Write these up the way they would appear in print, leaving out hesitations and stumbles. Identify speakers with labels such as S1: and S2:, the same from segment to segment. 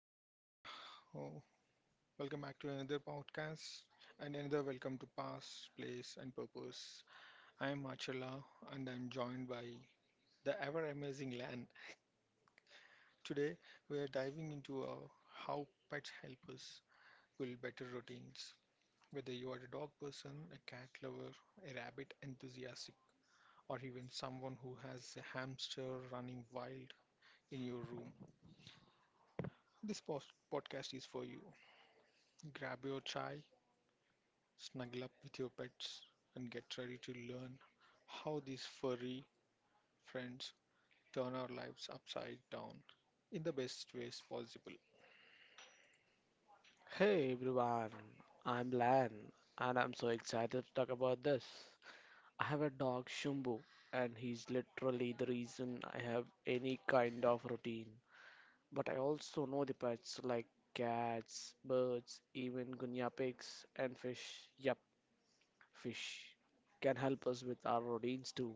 S1: Hey everyone, oh, welcome back to another podcast and another welcome to Past, Place and Purpose. I am Achala and I'm joined by the ever amazing Lan. Today we are diving into how pets help us build better routines. Whether you are a dog person, a cat lover, a rabbit enthusiastic, or even someone who has a hamster running wild in your room, this podcast is for you. Grab your chai, snuggle up with your pets, and get ready to learn how these furry friends turn our lives upside down in the best ways possible.
S2: Hey everyone, I'm Lan and I'm so excited to talk about this. I have a dog Shumbu and he's literally the reason I have any kind of routine. But I also know the pets like cats, birds, even guinea pigs and fish. Yep, fish can help us with our routines too.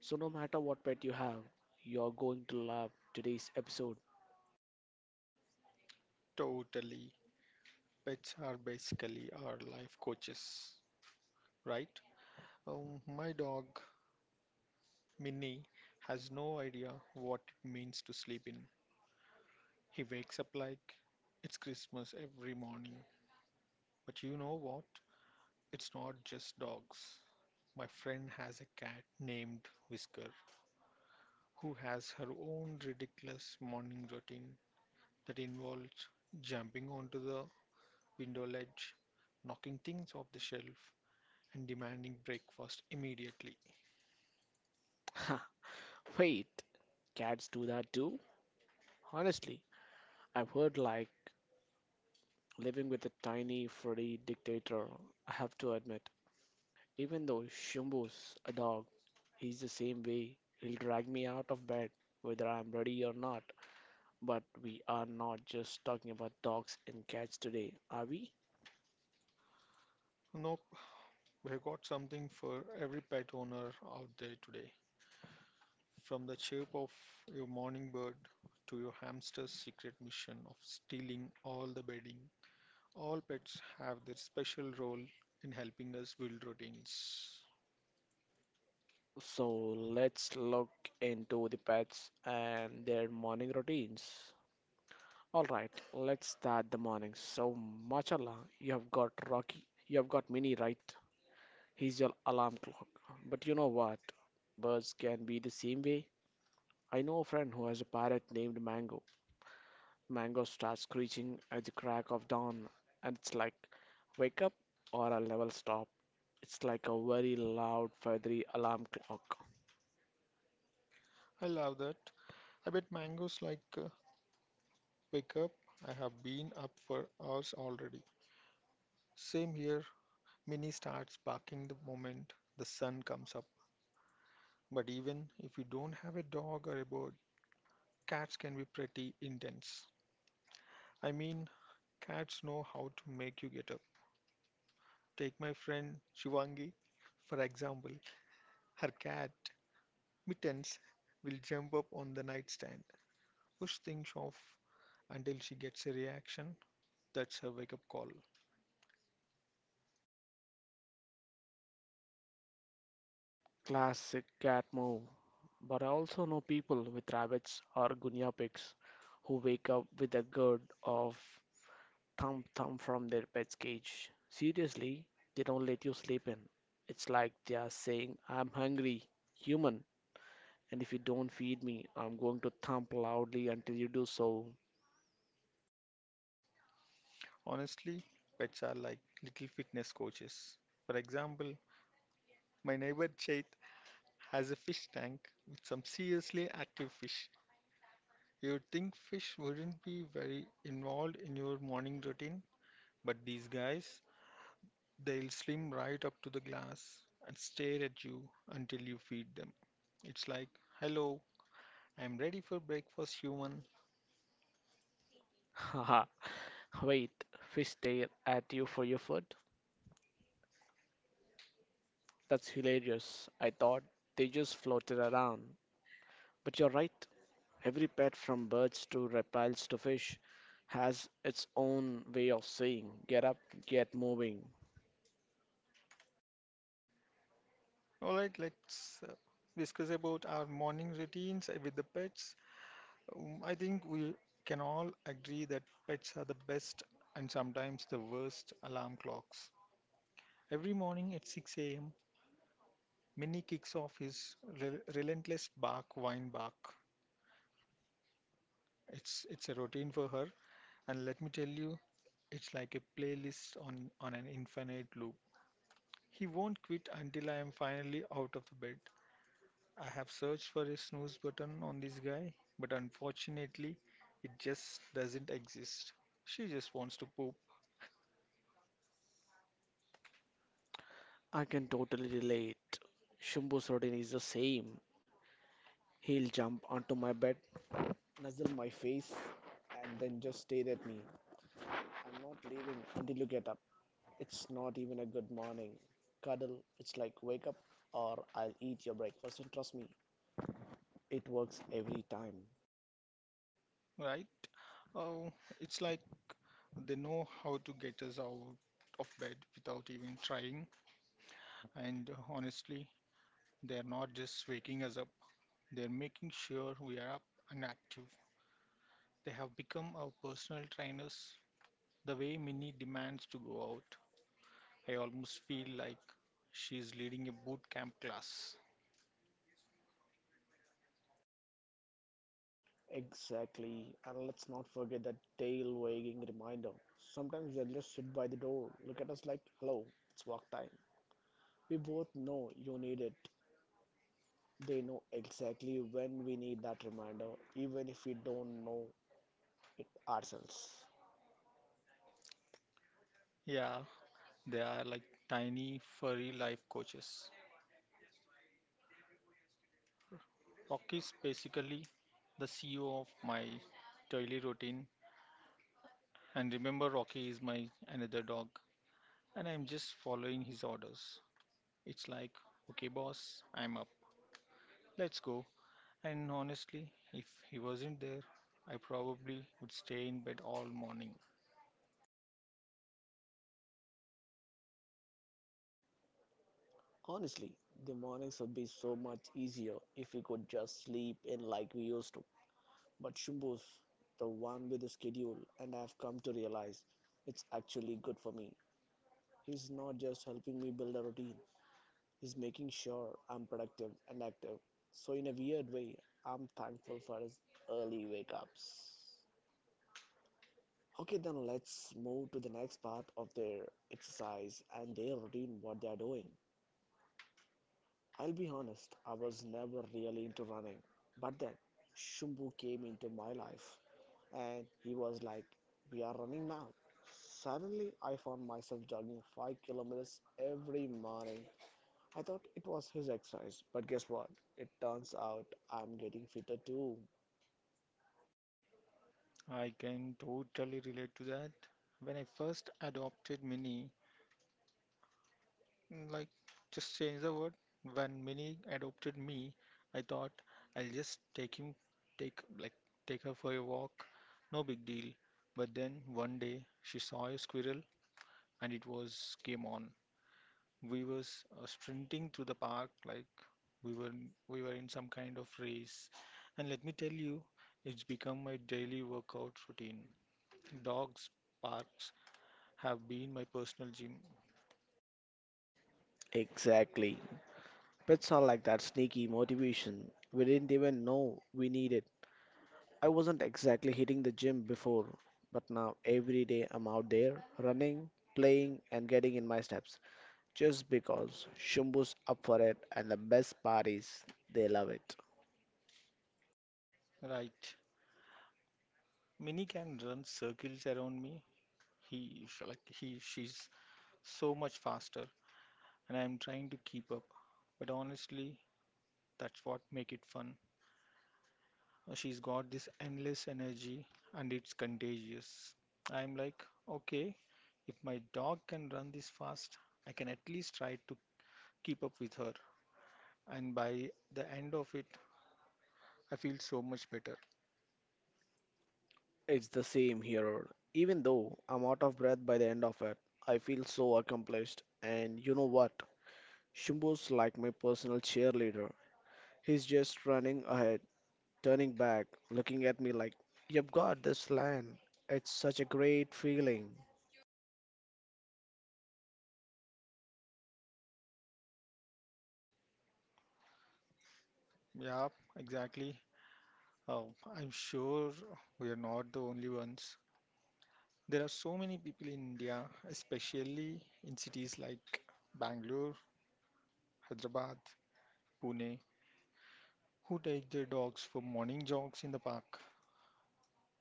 S2: So no matter what pet you have, you're going to love today's episode.
S1: Totally. Pets are basically our life coaches, right? My dog, Minnie, has no idea what it means to sleep in. He wakes up like it's Christmas every morning. But you know what? It's not just dogs. My friend has a cat named Whisker who has her own ridiculous morning routine that involves jumping onto the window ledge, knocking things off the shelf, and demanding breakfast immediately.
S2: Wait, cats do that too? Honestly, I've heard like Living with a tiny, furry dictator, I have to admit. Even though Shumbo's a dog, he's the same way. He'll drag me out of bed, whether I'm ready or not. But we are not just talking about dogs and cats today, are we?
S1: Nope, we've got something for every pet owner out there today. From the chirp of your morning bird to your hamster's secret mission of stealing all the bedding, all pets have their special role in helping us build routines.
S2: So let's look into the pets and their morning routines. All right, let's start the morning. So, mashallah, you have got Rocky. You have got Minnie, right? He's your alarm clock. But you know what? Birds can be the same way. I know a friend who has a parrot named Mango. Mango starts screeching at the crack of dawn, and it's like, wake up or I'll never stop. It's like a very loud, feathery alarm clock.
S1: I love that. I bet mangoes like wake up, I have been up for hours already. Same here, Minnie starts barking the moment the sun comes up. But even if you don't have a dog or a bird, cats can be pretty intense. I mean, cats know how to make you get up. Take my friend Shivangi, for example. Her cat, Mittens, will jump up on the nightstand, push things off until she gets a reaction. That's her wake up call.
S2: Classic cat move. But I also know people with rabbits or guinea pigs who wake up with a gurd of thump thump from their pet's cage. Seriously, they don't let you sleep in. It's like they are saying, I'm hungry, human, and if you don't feed me, I'm going to thump loudly until you do so.
S1: Honestly, pets are like little fitness coaches. For example, my neighbor Chait has a fish tank with some seriously active fish. You'd think fish wouldn't be very involved in your morning routine, but these guys, they'll swim right up to the glass and stare at you until you feed them. It's like, hello, I'm ready for breakfast, human.
S2: Haha, wait, fish stare at you for your food? That's hilarious. I thought they just floated around. But you're right, every pet from birds to reptiles to fish has its own way of saying, get up, get moving.
S1: Alright, let's discuss about our morning routines with the pets. I think we can all agree that pets are the best and sometimes the worst alarm clocks. Every morning at 6 a.m., Minnie kicks off his relentless bark, whine bark. It's a routine for her, and let me tell you, it's like a playlist on an infinite loop. He won't quit until I am finally out of the bed. I have searched for a snooze button on this guy, but unfortunately, it just doesn't exist. She just wants to poop,
S2: I can totally relate. Shambhu Sardin is the same. He'll jump onto my bed, nuzzle my face, and then just stare at me. I'm not leaving until you get up. It's not even a good morning. Cuddle, it's like wake up or I'll eat your breakfast, and trust me, it works every time.
S1: right? Oh, it's like they know how to get us out of bed without even trying. And honestly, they're not just waking us up, they're making sure we are up and active. They have become our personal trainers. The way Minnie demands to go out, I almost feel like she's leading a boot camp class.
S2: Exactly, and let's not forget that tail wagging reminder. Sometimes they'll just sit by the door, look at us like, hello, it's walk time. We both know you need it. They know exactly when we need that reminder, even if we don't know it ourselves.
S1: Yeah, they are like tiny, furry life coaches. Rocky is basically the CEO of my daily routine. And remember, Rocky is my another dog, and I'm just following his orders. It's like, okay, boss, I'm up. Let's go. And honestly, if he wasn't there, I probably would stay in bed all morning.
S2: Honestly, the mornings would be so much easier if we could just sleep in like we used to. But Shubhu's the one with the schedule, and I've come to realize it's actually good for me. He's not just helping me build a routine, he's making sure I'm productive and active. So, in a weird way, I'm thankful for his early wake ups. Okay, then let's move to the next part of their exercise and their routine, what they are doing. I'll be honest, I was never really into running. But then, Shumbu came into my life and he was like, we are running now. Suddenly, I found myself jogging 5 kilometers every morning. I thought it was his exercise, but guess what? It turns out I'm getting fitter too.
S1: I can totally relate to that. When I first adopted Minnie, like, just change the word. When Minnie adopted me, I thought I'll just take him, take like, take her for a walk. No big deal. But then one day she saw a squirrel and it was game on. We was sprinting through the park like we were we were in some kind of race. And let me tell you, it's become my daily workout routine. Dogs parks have been my personal gym.
S2: Exactly. Pets are like that sneaky motivation. We didn't even know we needed. I wasn't exactly hitting the gym before, but now every day I'm out there running, playing, and getting in my steps just because Shumbu's up for it, and the best part is they love it.
S1: Right. Minnie can run circles around me. He sh- like he she's so much faster and I'm trying to keep up. But honestly, that's what make it fun. She's got this endless energy and it's contagious. I'm like, okay, if my dog can run this fast, I can at least try to keep up with her. And by the end of it, I feel so much better.
S2: It's the same here. Even though I'm out of breath by the end of it, I feel so accomplished. And you know what? Shumbu's like my personal cheerleader. He's just running ahead, turning back, looking at me like, you've got this land. It's such a great feeling.
S1: Yeah, exactly. Oh, I'm sure we are not the only ones. There are so many people in India, especially in cities like Bangalore, Hyderabad, Pune, who take their dogs for morning jogs in the park.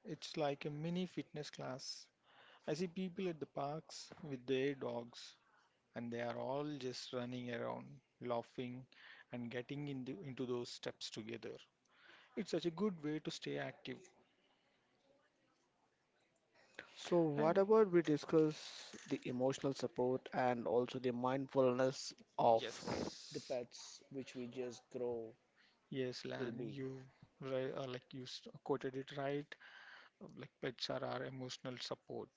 S1: It's like a mini fitness class. I see people at the parks with their dogs, and they are all just running around, laughing, and getting in the, into those steps together. It's such a good way to stay active.
S2: So, what
S1: And
S2: about we discuss the emotional support and also the mindfulness of the
S1: yes,
S2: pets which we just grow
S1: yes,
S2: will
S1: Lan,
S2: be.
S1: you like you quoted it right. Like pets are our emotional support.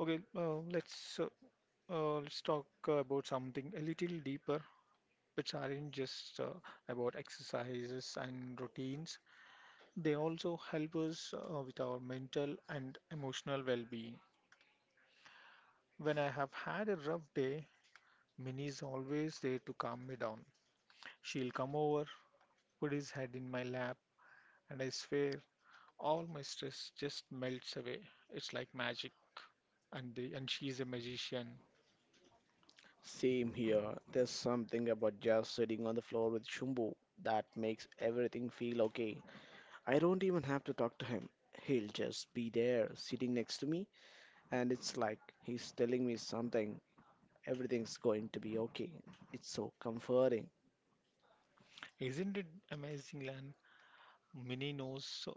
S1: Okay, let's talk about something a little deeper, which aren't just about exercises and routines, they also help us with our mental and emotional well being. When I have had a rough day, Minnie is always there to calm me down. She'll come over, put his head in my lap, and I swear all my stress just melts away. It's like magic. And, the, and she's a magician.
S2: Same here? There's something about just sitting on the floor with Shumbu that makes everything feel okay. I don't even have to talk to him. He'll just be there sitting next to me, and it's like he's telling me something. Everything's going to be okay. It's so comforting.
S1: Isn't it amazing, Lan? Minnie knows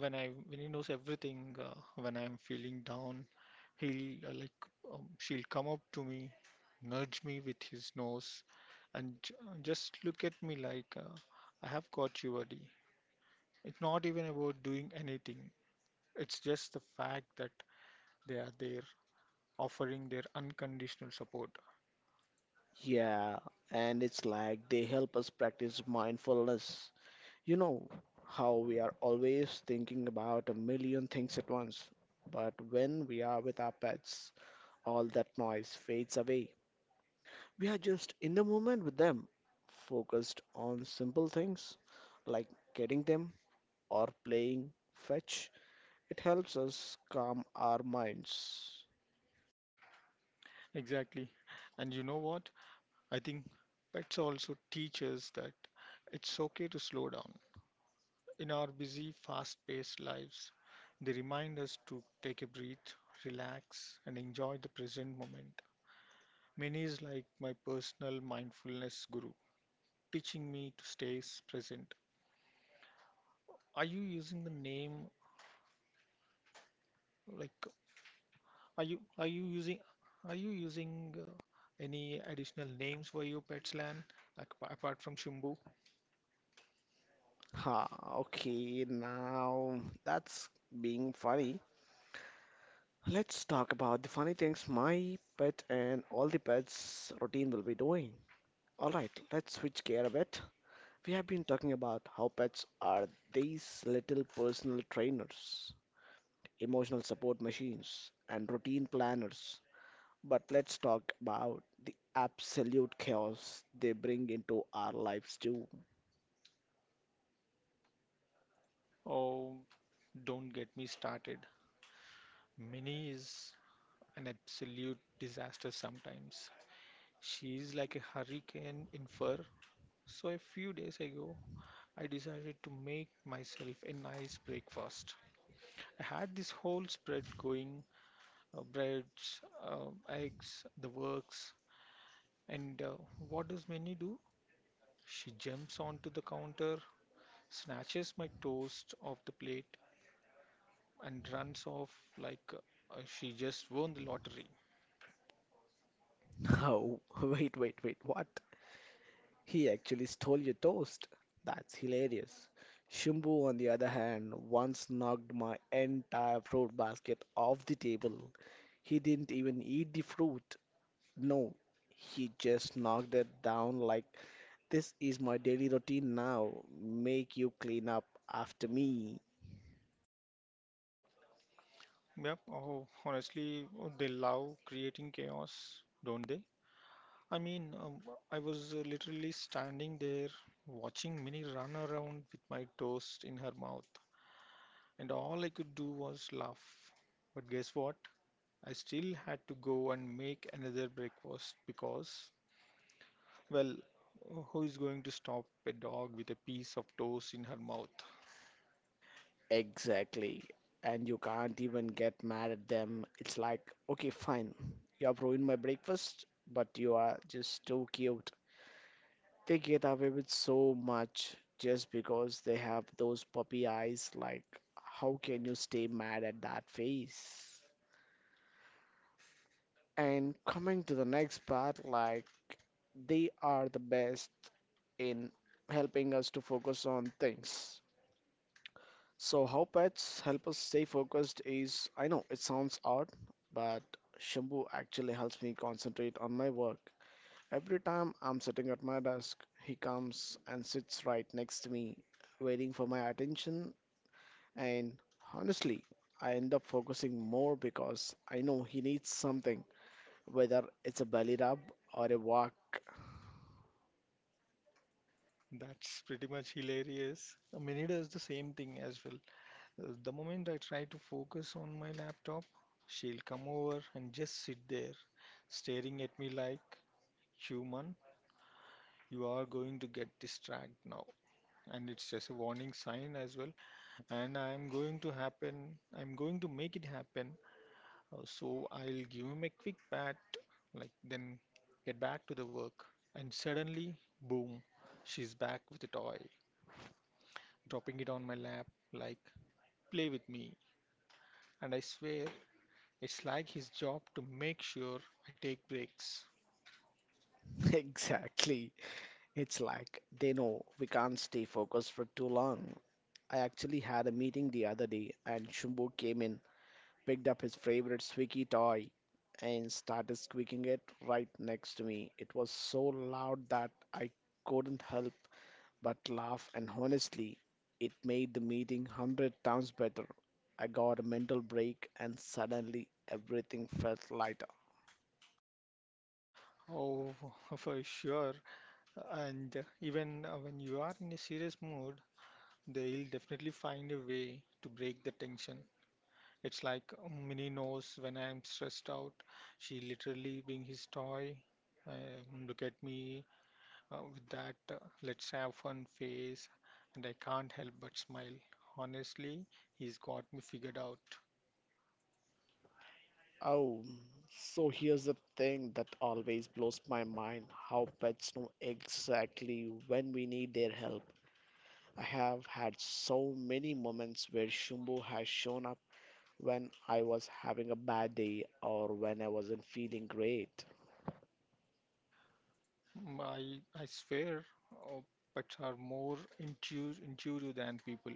S1: when I when he knows everything, when I'm feeling down, he'll like she'll come up to me, nudge me with his nose, and just look at me like I have got you, buddy. It's not even about doing anything. It's just the fact that they are there, offering their unconditional support.
S2: Yeah, and it's like they help us practice mindfulness. You know how we are always thinking about a million things at once, but when we are with our pets, all that noise fades away. We are just in the moment with them, focused on simple things like getting them or playing fetch. It helps us calm our minds.
S1: Exactly. And you know what? I think pets also teach us that it's okay to slow down. In our busy, fast paced lives, they remind us to take a breath, relax, and enjoy the present moment. Many is like my personal mindfulness guru, teaching me to stay present. Are you using the name like are you are you using are you using uh, any additional names for your pets land like apart from Shumbu?
S2: Ha, okay, now that's being funny. Let's talk about the funny things my pet and all the pets' routine will be doing. Alright, let's switch gear a bit. We have been talking about how pets are these little personal trainers, emotional support machines, and routine planners. But let's talk about the absolute chaos they bring into our lives too.
S1: Oh, don't get me started. Mini is an absolute disaster sometimes. She's like a hurricane in fur. So a few days ago, I decided to make myself a nice breakfast. I had this whole spread going, breads, eggs, the works. And what does Minnie do? She jumps onto the counter, snatches my toast off the plate, and runs off like she just won the lottery.
S2: Oh, wait, wait, wait, what? He actually stole your toast. That's hilarious. Shimbu, on the other hand, once knocked my entire fruit basket off the table. He didn't even eat the fruit. No, he just knocked it down like, this is my daily routine now. Make you clean up after me.
S1: Yep. Oh, honestly, they love creating chaos, don't they? I mean, I was literally standing there watching Minnie run around with my toast in her mouth, and all I could do was laugh. But guess what? I still had to go and make another breakfast because, well, who is going to stop a dog with a piece of toast in her mouth?
S2: Exactly. And you can't even get mad at them. It's like, okay, fine. You have ruined my breakfast, but you are just too cute. They get away with so much just because they have those puppy eyes. Like, how can you stay mad at that face? And coming to the next part, like, they are the best in helping us to focus on things. So, how pets help us stay focused is I know it sounds odd, but Shambhu actually helps me concentrate on my work. Every time I'm sitting at my desk, he comes and sits right next to me, waiting for my attention. And honestly, I end up focusing more because I know he needs something, whether it's a belly rub or a walk.
S1: That's pretty much hilarious. Minnie does the same thing as well. The moment I try to focus on my laptop, she'll come over and just sit there, staring at me like, human, you are going to get distracted now. And it's just a warning sign as well. And I'm going to happen, I'm going to make it happen. So I'll give him a quick pat, like, then get back to the work. And suddenly, boom, she's back with a toy, dropping it on my lap, like, play with me. And I swear it's like his job to make sure I take breaks.
S2: Exactly. It's like they know we can't stay focused for too long. I actually had a meeting the other day and Shumbo came in, picked up his favorite squeaky toy and started squeaking it right next to me. It was so loud that I couldn't help but laugh, and honestly, it made the meeting 100 times better. I got a mental break, and suddenly everything felt lighter.
S1: Oh, for sure. And even when you are in a serious mood, they'll definitely find a way to break the tension. It's like Minnie knows when I am stressed out. She literally bring his toy. Look at me with that let's have fun face, and I can't help but smile. Honestly, he's got me figured out.
S2: Oh, so here's the thing that always blows my mind: how pets know exactly when we need their help. I have had so many moments where Shumbo has shown up when I was having a bad day or when I wasn't feeling great.
S1: I swear, uh, pets are more intuitive than people.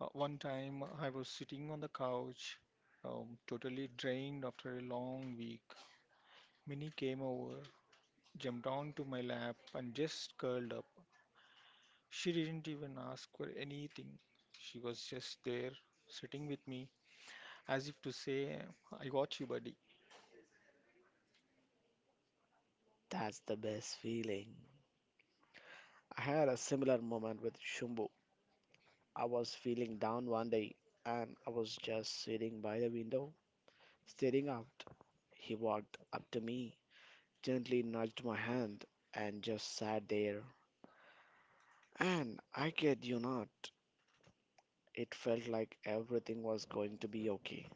S1: One time, I was sitting on the couch, totally drained after a long week. Minnie came over, jumped onto my lap, and just curled up. She didn't even ask for anything. She was just there, sitting with me, as if to say, "I got you, buddy."
S2: That's the best feeling. I had a similar moment with Shumbu. I was feeling down one day and I was just sitting by the window, staring out. He walked up to me, gently nudged my hand, and just sat there. And I kid you not, it felt like everything was going to be okay.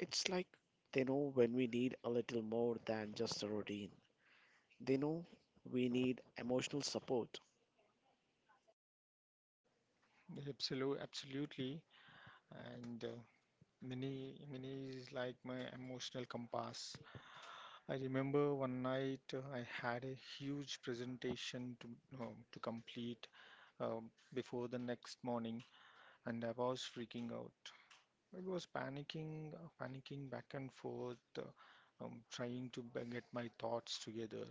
S2: It's like they know when we need a little more than just a routine. They know we need emotional support.
S1: Absolutely, absolutely, and. Mini is like my emotional compass. I remember one night I had a huge presentation to complete before the next morning, and I was freaking out. I was panicking, panicking back and forth, trying to get my thoughts together.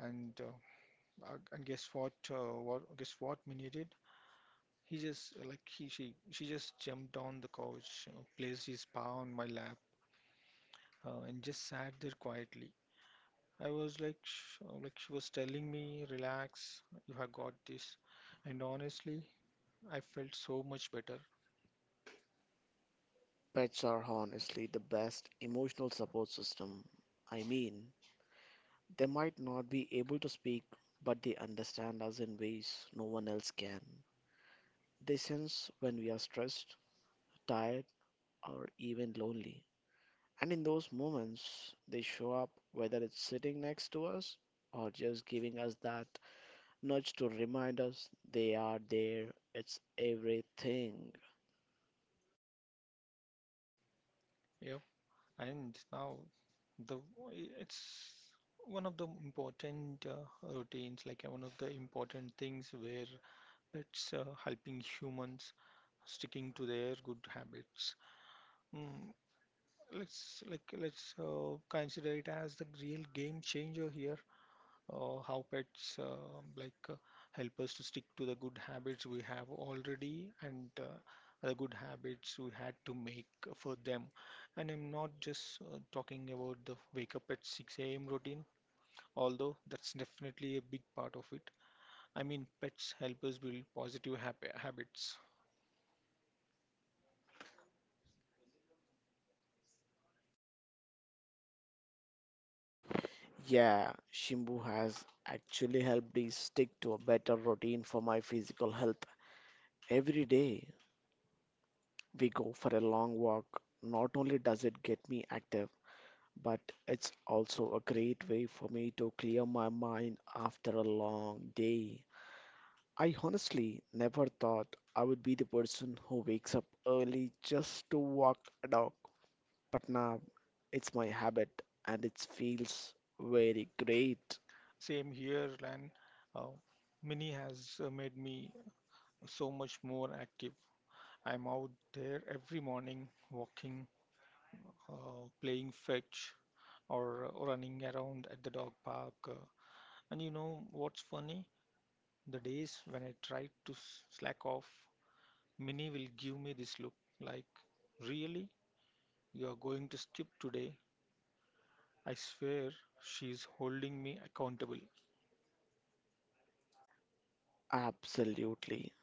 S1: And guess what Minnie did? He just like he she just jumped on the couch, placed his paw on my lap, and just sat there quietly. I was like, sh like she was telling me, relax, you have got this. And honestly, I felt so much better.
S2: Pets are honestly the best emotional support system. I mean, they might not be able to speak, but they understand us in ways no one else can. They sense when we are stressed, tired, or even lonely. And in those moments, they show up, whether it's sitting next to us or just giving us that nudge to remind us they are there. It's everything.
S1: Yep. And now the it's one of the important routines, like one of the important things where it's helping humans sticking to their good habits. Mm, let's consider it as the real game changer here. How pets help us to stick to the good habits we have already, and the good habits we had to make for them. And I'm not just talking about the wake up at 6 a.m. routine, although that's definitely a big part of it. I mean, pets help us build positive habits.
S2: Yeah, Shimbu has actually helped me stick to a better routine for my physical health. Every day we go for a long walk. Not only does it get me active, but it's also a great way for me to clear my mind after a long day. I honestly never thought I would be the person who wakes up early just to walk a dog, but now it's my habit and it feels very great.
S1: Same here, Lan. Uh, Mini has made me so much more active. I'm out there every morning walking, playing fetch, or running around at the dog park. And you know what's funny? The days when I tried to slack off, Minnie will give me this look like, "Really? You are going to skip today?" I swear she is holding me accountable.
S2: Absolutely.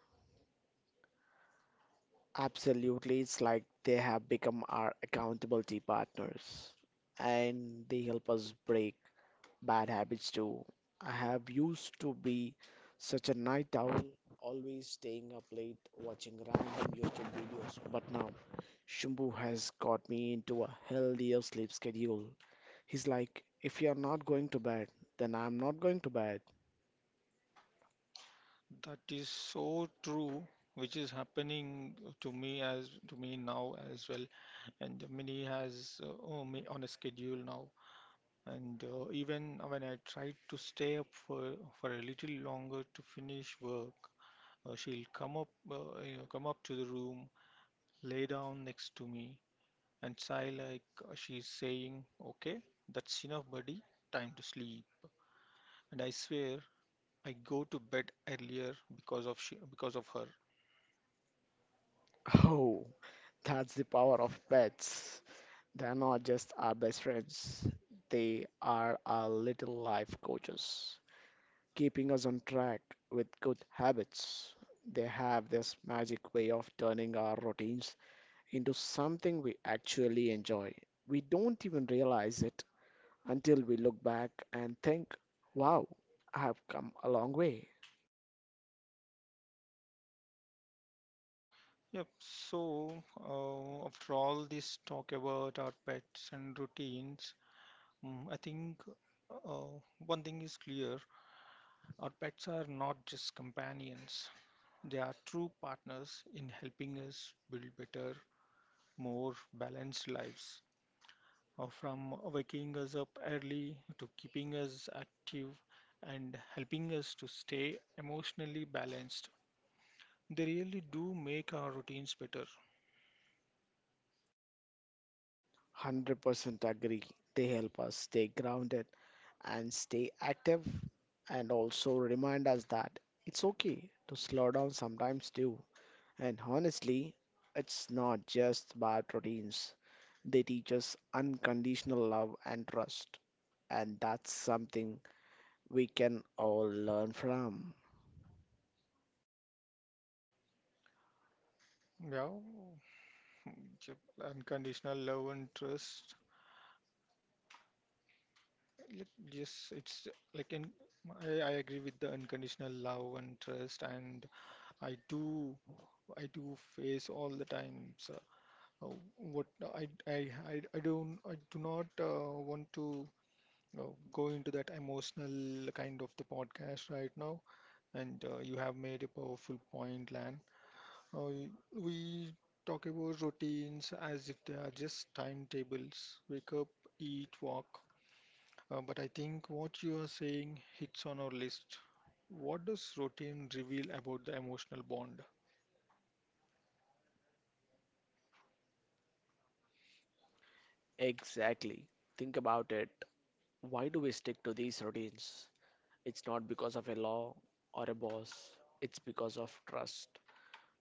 S2: Absolutely, it's like they have become our accountability partners and they help us break bad habits too. I have used to be such a night owl, always staying up late watching random YouTube videos, but now Shumbu has got me into a healthier sleep schedule. He's like, if you're not going to bed, then I'm not going to bed.
S1: That is so true, which is happening to me now as well. And Minnie has oh, me on a schedule now. And even when I try to stay up for a little longer to finish work, she'll come up, come up to the room, lay down next to me, and sigh like she's saying, "Okay, that's enough, buddy. Time to sleep." And I swear, I go to bed earlier because of her.
S2: Oh, that's the power of pets. They are not just our best friends, they are our little life coaches, keeping us on track with good habits. They have this magic way of turning our routines into something we actually enjoy. We don't even realize it until we look back and think, wow, I have come a long way.
S1: Yep. So, after all this talk about our pets and routines, I think uh, one thing is clear. Our pets are not just companions, they are true partners in helping us build better, more balanced lives. From waking us up early to keeping us active and helping us to stay emotionally balanced, they really do make our routines better.
S2: 100% agree. They help us stay grounded and stay active and also remind us that it's okay to slow down sometimes too. And honestly, it's not just about routines. They teach us unconditional love and trust. And that's something we can all learn from.
S1: Yeah, yep, unconditional love and trust. Yep. Yes, it's like I agree with the unconditional love and trust, and I do I do face all the times uh, what I do not want to, you know, go into that emotional kind of the podcast right now. And you have made a powerful point, Lan. Uh, we talk about routines as if they are just timetables. Wake up, eat, walk, but I think what you are saying hits on our list. What does routine reveal about the emotional bond?
S2: Exactly. Think about it. Why do we stick to these routines? It's not because of a law or a boss, it's because of trust.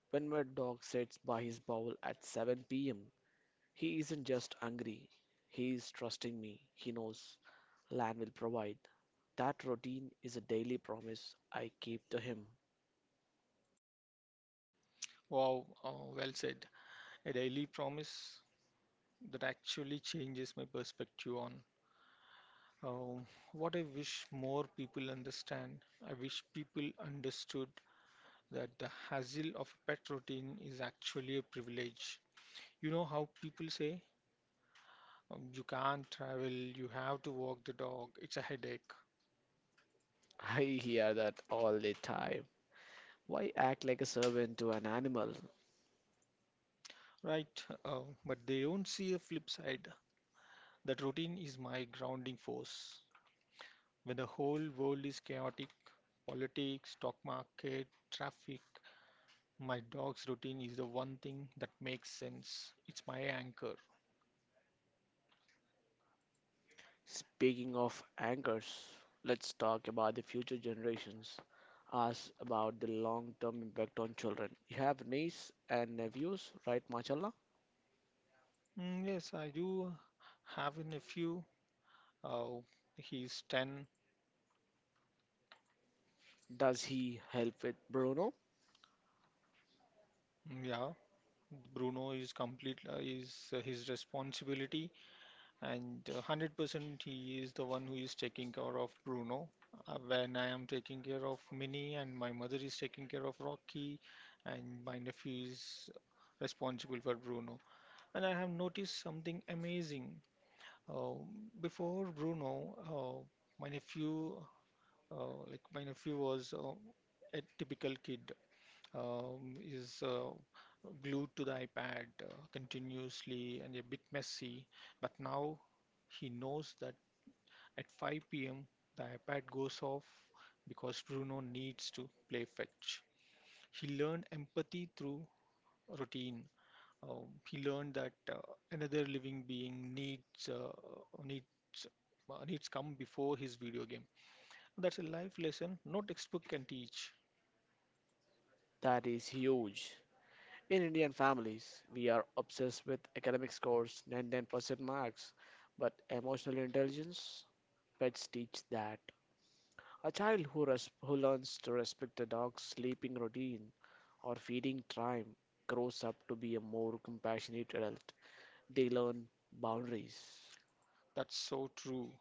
S2: When my dog sits by his bowl at 7 p.m., he isn't just angry, he is trusting me. He knows land will provide. That routine is a daily promise I keep to him.
S1: Wow, well said. A daily promise that actually changes my perspective on um, what I wish more people understand. I wish people understood that the hassle of a pet routine is actually a privilege. You know how people say, "You can't travel, you have to walk the dog, it's a headache."
S2: I hear that all the time. Why act like a servant to an animal?
S1: Right, but they don't see the flip side. That routine is my grounding force. When the whole world is chaotic, politics, stock market, traffic, my dog's routine is the one thing that makes sense. It's my anchor.
S2: Speaking of anchors, let's talk about the future generations. Ask about the long term impact on children. You have niece and nephews, right, Machallah?
S1: Yes, I do have a nephew. Uh, he's 10.
S2: Does he help with Bruno?
S1: Yeah, Bruno is his responsibility. And 100% he is the one who is taking care of Bruno. When I am taking care of Minnie, and my mother is taking care of Rocky, and my nephew is responsible for Bruno. And I have noticed something amazing. Uh, Before Bruno, my nephew, my nephew was a typical kid, is glued to the iPad continuously and a bit messy. But now he knows that at 5 p.m. the iPad goes off because Bruno needs to play fetch. He learned empathy through routine. He learned that another living being needs needs come before his video game. That's a life lesson no textbook can teach.
S2: That is huge. In Indian families, we are obsessed with academic scores, 99% marks, but emotional intelligence, pets teach that. A child who, who learns to respect the dog's sleeping routine or feeding time grows up to be a more compassionate adult. They learn boundaries.
S1: That's so true.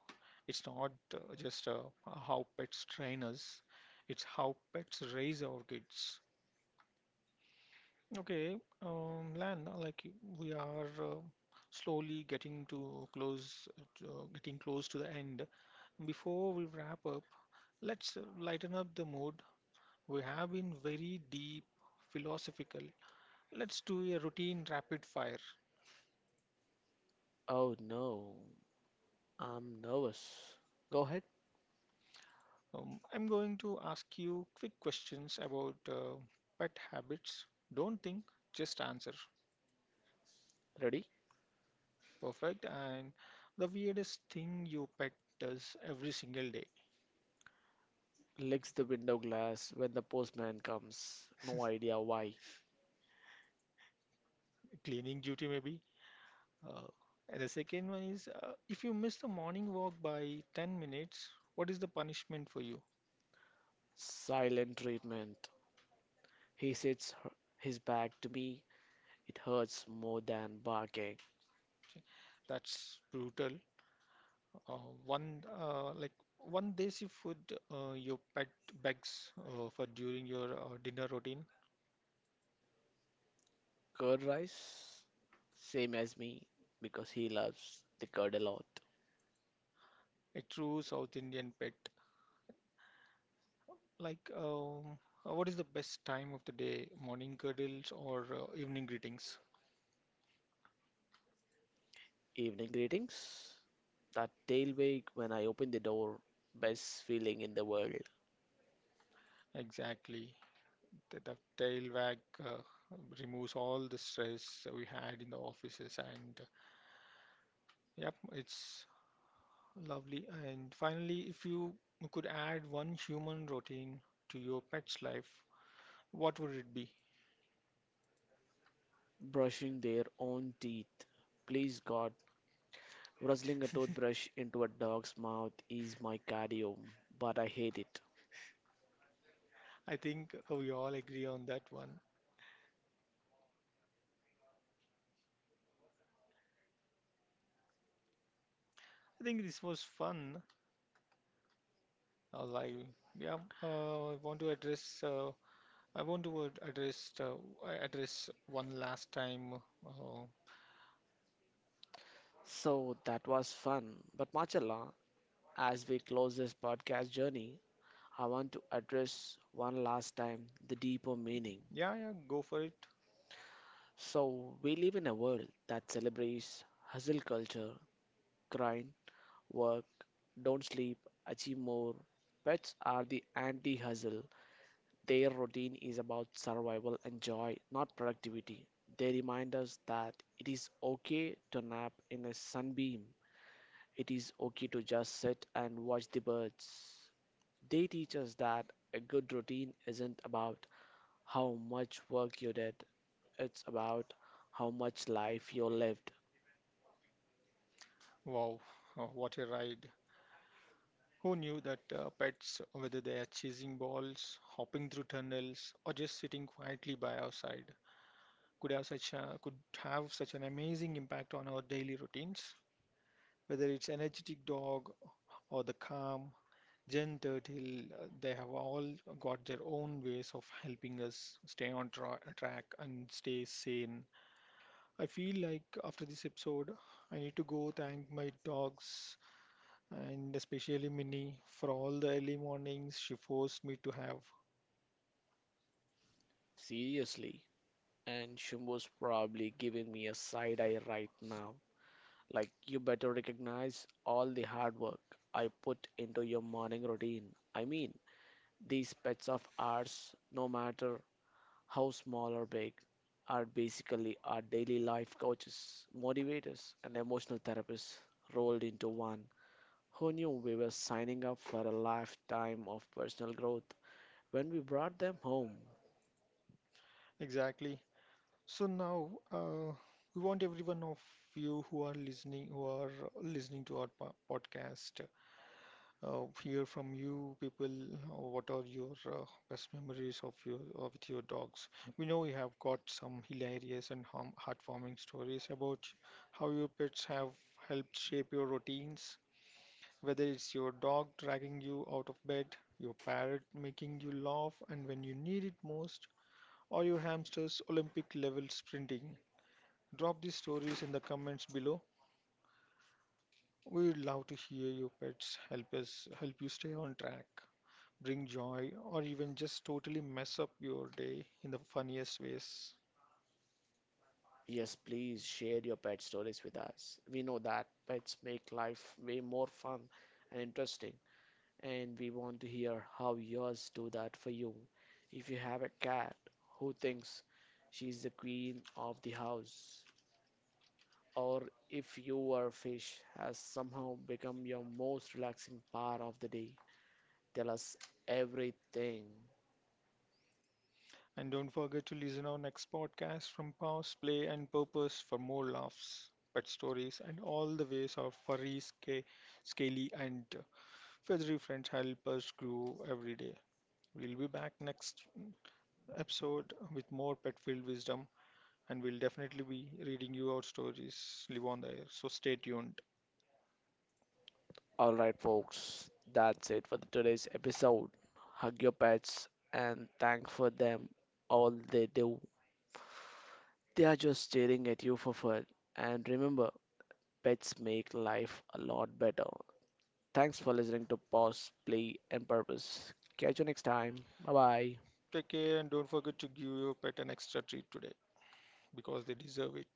S1: It's not just how pets train us, it's how pets raise our kids. Okay, Lan, we are slowly getting close to the end. Before we wrap up, let's lighten up the mood. We have been very deep, philosophical. Let's do a routine rapid fire.
S2: Oh no, I'm nervous. Go ahead,
S1: I'm going to ask you quick questions about pet habits. Don't think, just answer.
S2: ready?
S1: Perfect. And the weirdest thing your pet does every single day,
S2: Licks the window glass when the postman comes. No idea why.
S1: cleaning duty maybe. Uh, and the second one is, if you miss the morning walk by 10 minutes, what is the punishment for you?
S2: Silent treatment. He sits his back to me. It hurts more than barking.
S1: Okay, that's brutal. Uh, one uh, like one desi food your pet begs for during your dinner routine.
S2: Curd rice, same as me, because he loves the curd a lot.
S1: A true South Indian pet. Like, what is the best time of the day? Morning cuddles or evening greetings?
S2: Evening greetings. That tail wag when I open the door, best feeling in the world.
S1: Exactly. The tail wag uh, removes all the stress we had in the offices, and yeah, it's lovely. And finally, if you could add one human routine to your pet's life, what would it be?
S2: Brushing their own teeth. Please God, wrestling a toothbrush into a dog's mouth is my cardio, but I hate it.
S1: I think we all agree on that one. I think this was fun. Uh, like, yeah, I want to address I want to ad- address I address one last time. Uh,
S2: So that was fun. But Machala, as we close this podcast journey, I want to address one last time the deeper meaning.
S1: yeah, yeah, go for it.
S2: So, we live in a world that celebrates hustle culture, grind, work, don't sleep, achieve more. Pets are the anti hustle. Their routine is about survival and joy, not productivity. They remind us that it is okay to nap in a sunbeam, it is okay to just sit and watch the birds. They teach us that a good routine isn't about how much work you did, it's about how much life you lived.
S1: Wow, what a ride! Who knew that pets, whether they are chasing balls, hopping through tunnels, or just sitting quietly by our side, could have such an amazing impact on our daily routines? Whether it's energetic dog or the calm, gentle till they have all got their own ways of helping us stay on track and stay sane. I feel like after this episode, I need to go thank my dogs, and especially Minnie, for all the early mornings she forced me to have.
S2: Seriously. And Shumbo's probably giving me a side eye right now. Like, you better recognize all the hard work I put into your morning routine. I mean, these pets of ours, no matter how small or big, are basically our daily life coaches, motivators, and emotional therapists rolled into one. Who knew we were signing up for a lifetime of personal growth when we brought them home?
S1: Exactly. So now, we want every one of you who are listening to our podcast, hear from you people, what are your, best memories of your, with your dogs. We know you have got some hilarious and heartwarming stories about how your pets have helped shape your routines, whether it's your dog dragging you out of bed, your parrot making you laugh and when you need it most, or your hamster's olympic level sprinting. Drop these stories in the comments below. We would love to hear your pets help us help you stay on track, bring joy, or even just totally mess up your day in the funniest ways.
S2: Yes, please share your pet stories with us. We know that pets make life way more fun and interesting, and we want to hear how yours do that for you. If you have a cat who thinks she's the queen of the house, or if your fish has somehow become your most relaxing part of the day, tell us everything.
S1: And don't forget to listen our next podcast from Pause, Play, and Purpose for more laughs, pet stories, and all the ways our furry, scaly, and feathery friends help us grow every day. We'll be back next episode with more pet filled wisdom, and we'll definitely be reading you out stories live on the air. So stay tuned.
S2: All right, folks, that's it for today's episode. Hug your pets and thank for them all they do. They are just staring at you for fun. And remember, pets make life a lot better. Thanks for listening to Pause, Play, and Purpose. Catch you next time. Bye bye.
S1: Take care, and don't forget to give your pet an extra treat today, because they deserve it.